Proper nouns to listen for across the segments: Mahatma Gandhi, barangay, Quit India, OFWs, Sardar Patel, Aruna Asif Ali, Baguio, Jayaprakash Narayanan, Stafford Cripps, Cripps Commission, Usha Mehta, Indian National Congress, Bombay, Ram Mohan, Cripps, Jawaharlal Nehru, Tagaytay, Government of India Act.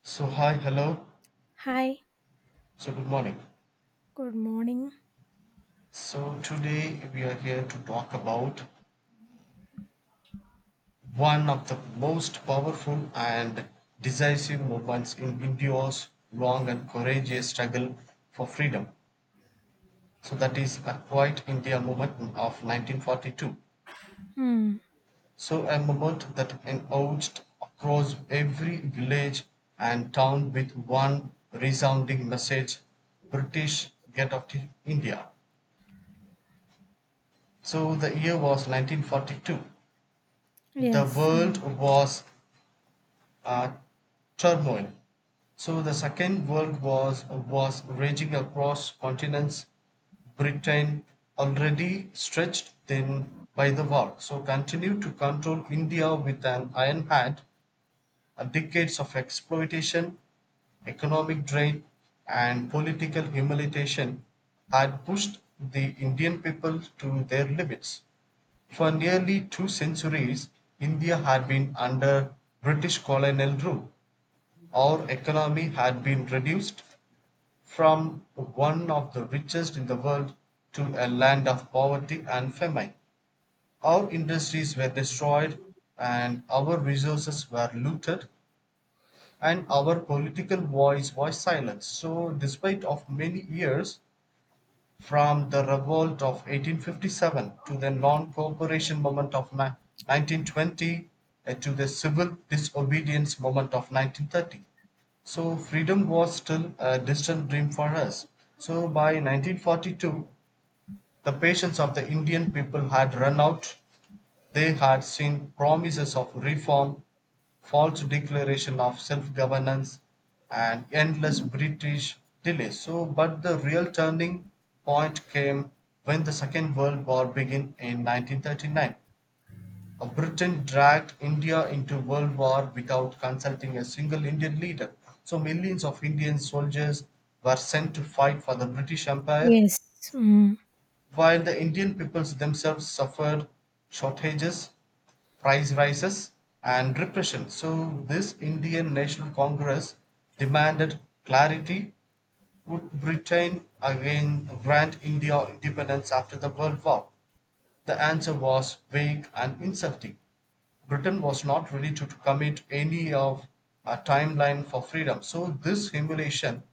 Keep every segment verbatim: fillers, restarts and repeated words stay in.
So, hi, hello. Hi, So, good morning. good morning. So, today we are here to talk about one of the most powerful and decisive movements in India's long and courageous struggle for freedom. So, that is a Quiet India movement of nineteen forty-two. Hmm. So, a movement that emerged across every village and town with one resounding message: British, get out of India. So the year was nineteen forty-two, the Yes. world um, was a turmoil. So the Second World War was raging across continents. Britain, already stretched thin by the war, so continued to control India with an iron hand. uh, Decades of exploitation, economic drain, and political humiliation had pushed the Indian people to their limits. For nearly two centuries India had been under British colonial rule. Our economy had been reduced from one of the richest in the world to a land of poverty and famine. Our industries were destroyed and our resources were looted and our political voice was silenced. So despite of many years from the revolt of eighteen fifty-seven to the non cooperation movement of nineteen twenty to the civil disobedience movement of nineteen thirty. So freedom was still a distant dream for us. So by nineteen forty-two, the patience of the Indian people had run out. They had seen promises of reform, false declaration of self-governance, and endless British delays. So, but the real turning point came when the Second World War began in nineteen thirty-nine. Uh, Britain dragged India into World War without consulting a single Indian leader. So millions of Indian soldiers were sent to fight for the British Empire, yes. Mm, while the Indian peoples themselves suffered shortages, price rises, and repression. So, this Indian National Congress demanded clarity. Would Britain again grant India independence after the World War? The answer was vague and insulting. Britain was not ready to commit any of a timeline for freedom. So this humiliation,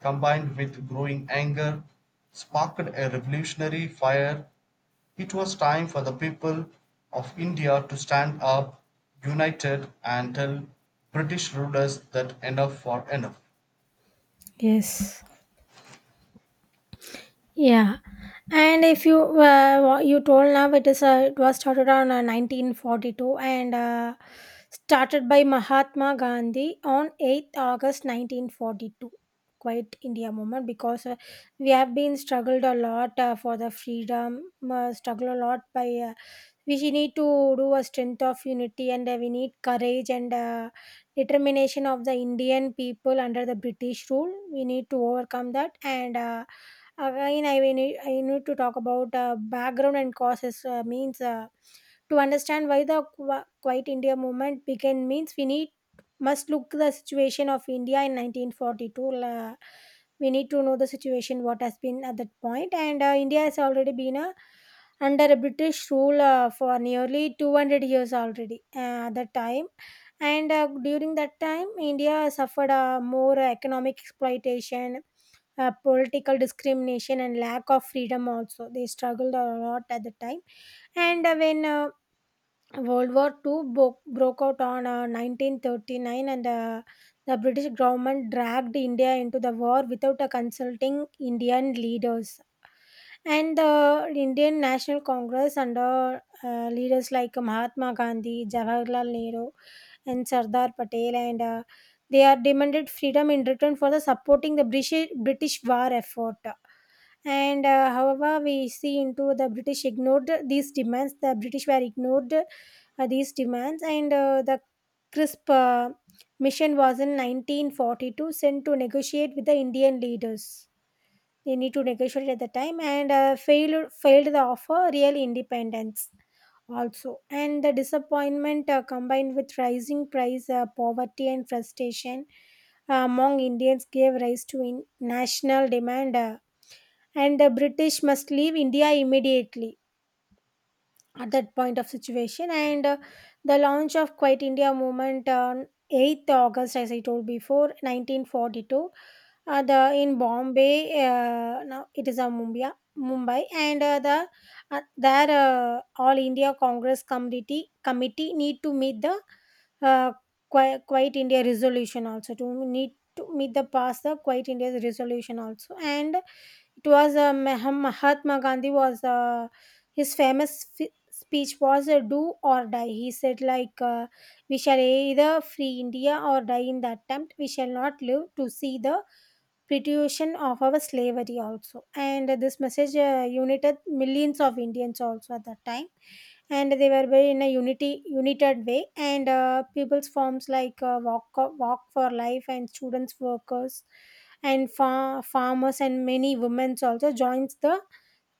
combined with growing anger, sparked a revolutionary fire. It was time for the people of India to stand up united and tell British rulers that enough for enough. yes. Yeah. And if you uh, what you told now it is uh, it was started on uh, nineteen forty-two and uh, started by Mahatma Gandhi on eighth of August nineteen forty-two. Quite India movement because uh, we have been struggled a lot uh, for the freedom, uh, struggled a lot by uh, we need to do a strength of unity and uh, we need courage and uh, determination of the indian people under the british rule we need to overcome that and uh, again I will need, I need to talk about uh, background and causes uh, means uh, to understand why the Qu- quiet india movement began means we need must look the situation of india in nineteen forty-two. Uh, we need to know the situation what has been at that point and uh, india has already been a under a British rule uh, for nearly two hundred years already uh, at that time. And uh, during that time, India suffered uh, more economic exploitation, uh, political discrimination, and lack of freedom also. They struggled a lot at the time. And uh, when uh, World War Two bo- broke out on uh, nineteen thirty-nine, and uh, the British government dragged India into the war without uh, consulting Indian leaders and the Indian National Congress, under uh, leaders like Mahatma Gandhi, Jawaharlal Nehru, and Sardar Patel, and uh, they are demanded freedom in return for the supporting the British British war effort. And uh, however, we see into the British ignored these demands. The British were ignored uh, these demands, and uh, the CRISP uh, mission was in nineteen forty-two sent to negotiate with the Indian leaders. They need to negotiate at the time and uh, failed failed the offer real independence also, and the disappointment uh, combined with rising price, uh, poverty and frustration uh, among Indians gave rise to in national demand, uh, and the British must leave India immediately at that point of situation. And uh, the launch of Quit India movement on eighth of August, as I told before, nineteen forty-two, uh, the in Bombay, uh, now it is a Mumbai Mumbai and uh, the uh, their uh, all India Congress committee committee need to meet the uh, Qui- quiet India resolution also, to need to meet the pass the quiet India resolution also. And it was uh, Mah- Mahatma Gandhi was uh, his famous f- speech was uh, "Do or Die." He said like, uh, "We shall either free India or die in the attempt. We shall not live to see the perpetuation of our slavery." Also, and this message uh, united millions of Indians also at that time, and they were very in a unity united way. And uh, people's forms like uh, walk walk for life, and students, workers, and far farmers, and many women also joins the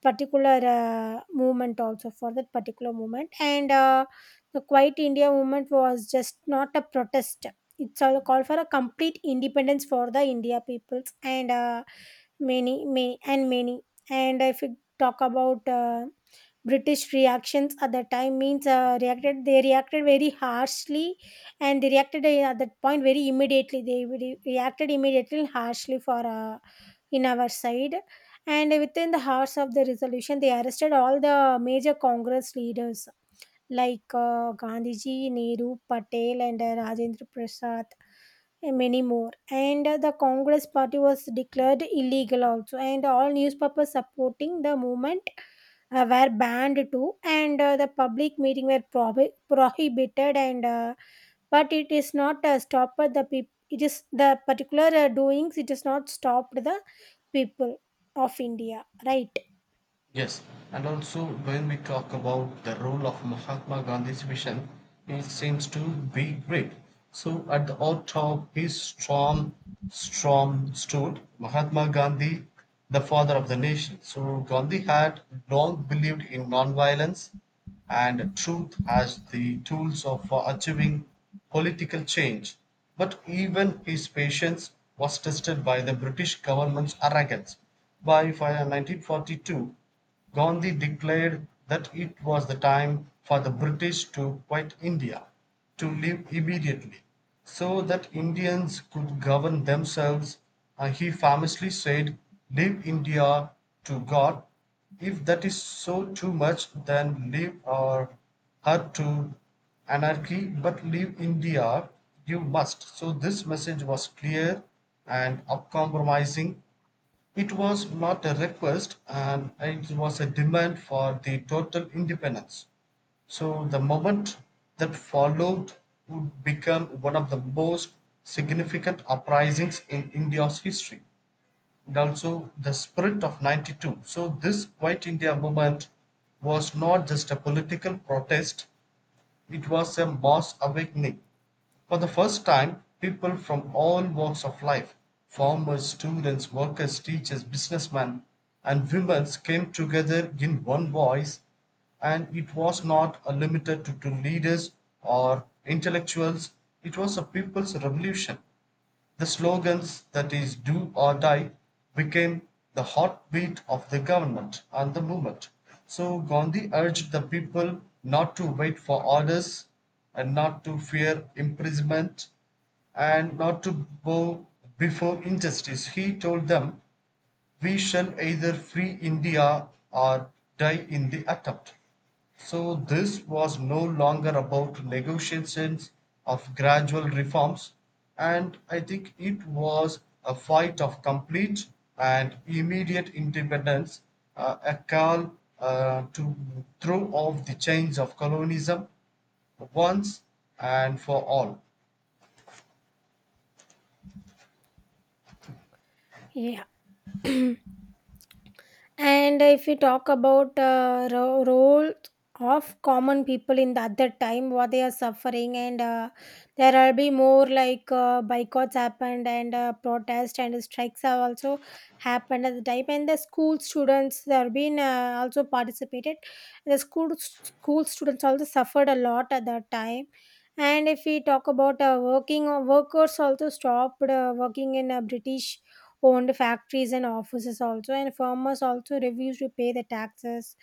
particular uh, movement also, for that particular movement. And uh, the quiet india movement was just not a protest, it's all a call for a complete independence for the india peoples. And uh, many may and many and if you talk about uh, british reactions at that time, means uh, reacted they reacted very harshly, and they reacted uh, at that point very immediately. They re- reacted immediately and harshly for uh, in our side, and within the hours of the resolution they arrested all the major congress leaders like uh, gandhiji, nehru, patel, and uh, rajendra prasad, and many more. And uh, the Congress Party was declared illegal also, and all newspapers supporting the movement uh, were banned too, and uh, the public meeting were prohi- prohibited. And uh, but it is not uh, stopped the people. It is the particular uh, doings. It is not stopped the people of India, right? Yes, and also when we talk about the role of Mahatma Gandhi's vision, it seems to be great. So at the all top is strong, strong stood Mahatma Gandhi, the father of the nation. So Gandhi had long believed in non-violence and truth has the tools of uh, achieving political change, but even his patience was tested by the British government's arrogance. By fi- nineteen forty-two, Gandhi declared that it was the time for the British to quit India, to leave immediately, so that Indians could govern themselves. Uh, he famously said, "Leave India to God; if that is so too much, then leave her to anarchy, but leave India you must." So this message was clear and uncompromising. It was not a request and it was a demand for the total independence. So the moment that followed would become one of the most significant uprisings in India's history and also the spirit of ninety-two. So, this White India movement was not just a political protest, it was a mass awakening. For the first time, people from all walks of life: farmers, students, workers, teachers, businessmen, and women came together in one voice, and it was not uh, limited to, to leaders or intellectuals, it was a people's revolution. The slogans that is "Do or Die" became the heartbeat of the government and the movement. So Gandhi urged the people not to wait for orders and not to fear imprisonment and not to bow before injustice. He told them, "We shall either free India or die in the attempt." So this was no longer about negotiations of gradual reforms, and I think it was a fight of complete and immediate independence, uh, a call uh, to throw off the chains of colonialism once and for all. Yeah. And if you talk about uh, ro- role of common people in that other time, what they are suffering, and uh, there will be more like uh, boycotts happened, and uh, protests and strikes have also happened at the time. And the school students there have been uh, also participated. The school school students also suffered a lot at that time. And if we talk about uh, working workers, also stopped uh, working in uh, British owned factories and offices also, and farmers also refused to pay the taxes.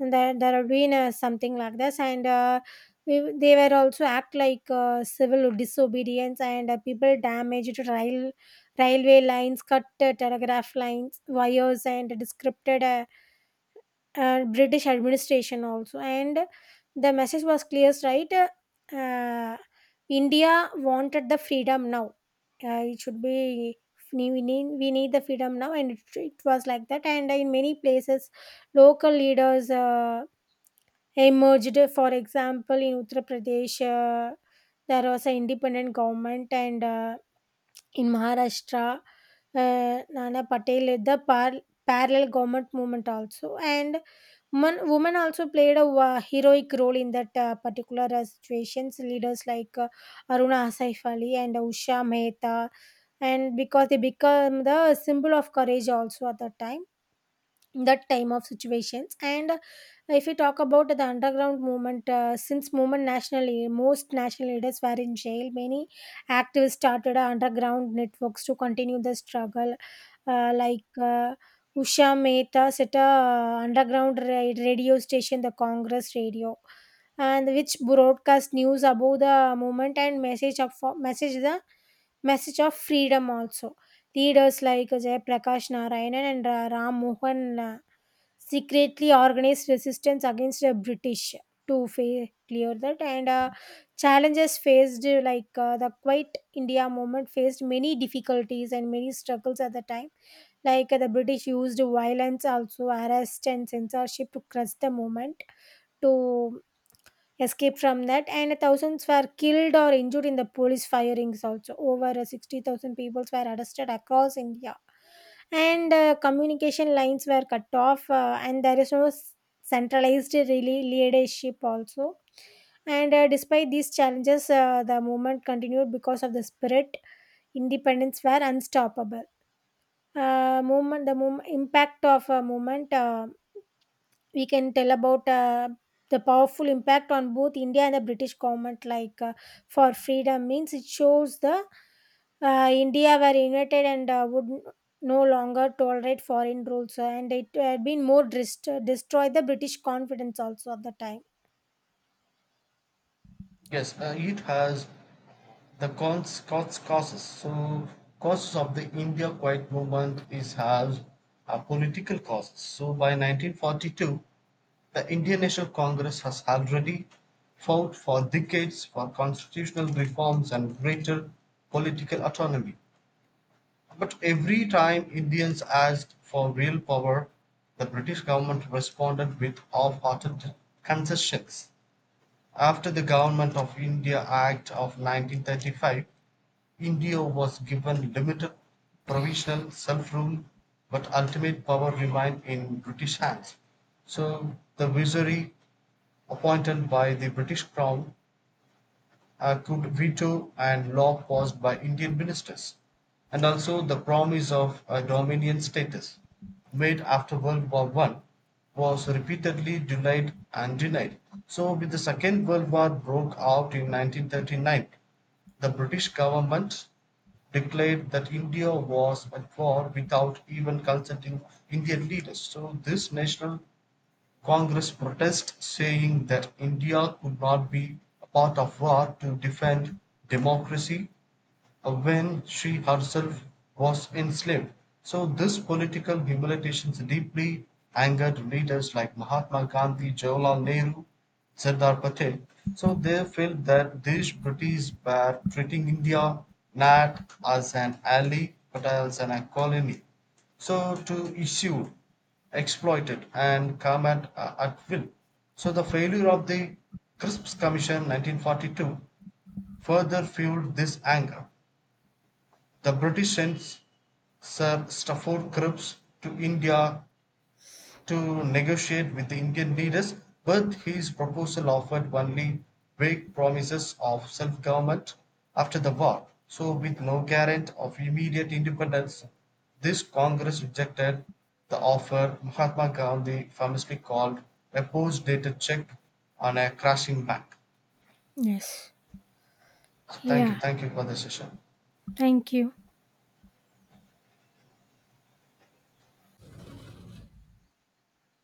And there, there are ruinous something like this. And uh, we, they were also act like uh, civil disobedience. And uh, people damaged rail railway lines, cut uh, telegraph lines wires, and disrupted uh, uh, British administration also. And the message was clear, right? Uh, India wanted the freedom now. Uh, it should be we need we need the freedom now, and it, it was like that. And in many places, local leaders uh, emerged. For example, in Uttar Pradesh, uh, there was an independent government, and uh, in Maharashtra, uh, Nana Patel led the par- parallel government movement also. And women, women also played a wa- heroic role in that uh, particular uh, situations. Leaders like uh, Aruna Asif Ali and Usha Mehta, and because they become the symbol of courage also at that time, that time of situations. And uh, if you talk about the underground movement, uh, since movement nationally most national leaders were in jail, many activists started underground networks to continue the struggle, uh, like uh, usha mehta set a uh, underground ra- radio station, the congress radio, and which broadcast news about the movement and message of message the message of freedom also. Leaders like Jayaprakash Narayanan and Ra- Ram Mohan uh, secretly organized resistance against the British to fa- clear that. And uh, challenges faced, uh, like uh, the Quiet India movement, faced many difficulties and many struggles at the time. Like uh, the British used violence, also arrest and censorship to crush the movement, to escape from that. And thousands were killed or injured in the police firings also. Over uh, sixty thousand people were arrested across India, and uh, communication lines were cut off, uh, and there is no s- centralized really leadership also. And uh, despite these challenges, uh, the movement continued because of the spirit independence were unstoppable. Uh, movement the mov- impact of a movement, uh, we can tell about uh, the powerful impact on both India and the British government, like uh, for freedom means it shows the uh, India were united, and uh, would n- no longer tolerate foreign rules, uh, and it had been more dist- destroy the British confidence also at the time. Yes, uh, it has the cons, cons causes. So causes of the India Quiet Movement is has uh, political causes. So by nineteen forty-two, the Indian National Congress has already fought for decades for constitutional reforms and greater political autonomy. But every time Indians asked for real power, the British government responded with half hearted concessions. After the Government of India Act of nineteen thirty-five, India was given limited provisional self rule, but ultimate power remained in British hands. So the visionary appointed by the British Crown uh, could veto and law passed by Indian ministers, and also the promise of a Dominion status made after World War One was repeatedly denied and denied. So when the Second World War broke out in nineteen thirty-nine, the British government declared that India was at war without even consulting Indian leaders. So this national Congress protested, saying that India could not be a part of war to defend democracy when she herself was enslaved. So this political humiliation deeply angered leaders like Mahatma Gandhi, Jawaharlal Nehru, Sardar Patel. So they felt that these British were treating India not as an ally but as an colony. So to issue, exploit it, and come at, uh, at will. So the failure of the Crisps Commission nineteen forty-two further fueled this anger. The British sent Sir Stafford Cripps to India to negotiate with the Indian leaders, but his proposal offered only vague promises of self government after the war, so with no guarantee of immediate independence. This Congress rejected the offer. Mahatma Gandhi famously called a post dated check on a crashing bank. Yes. Thank you, Yeah. thank you for the session. Thank you.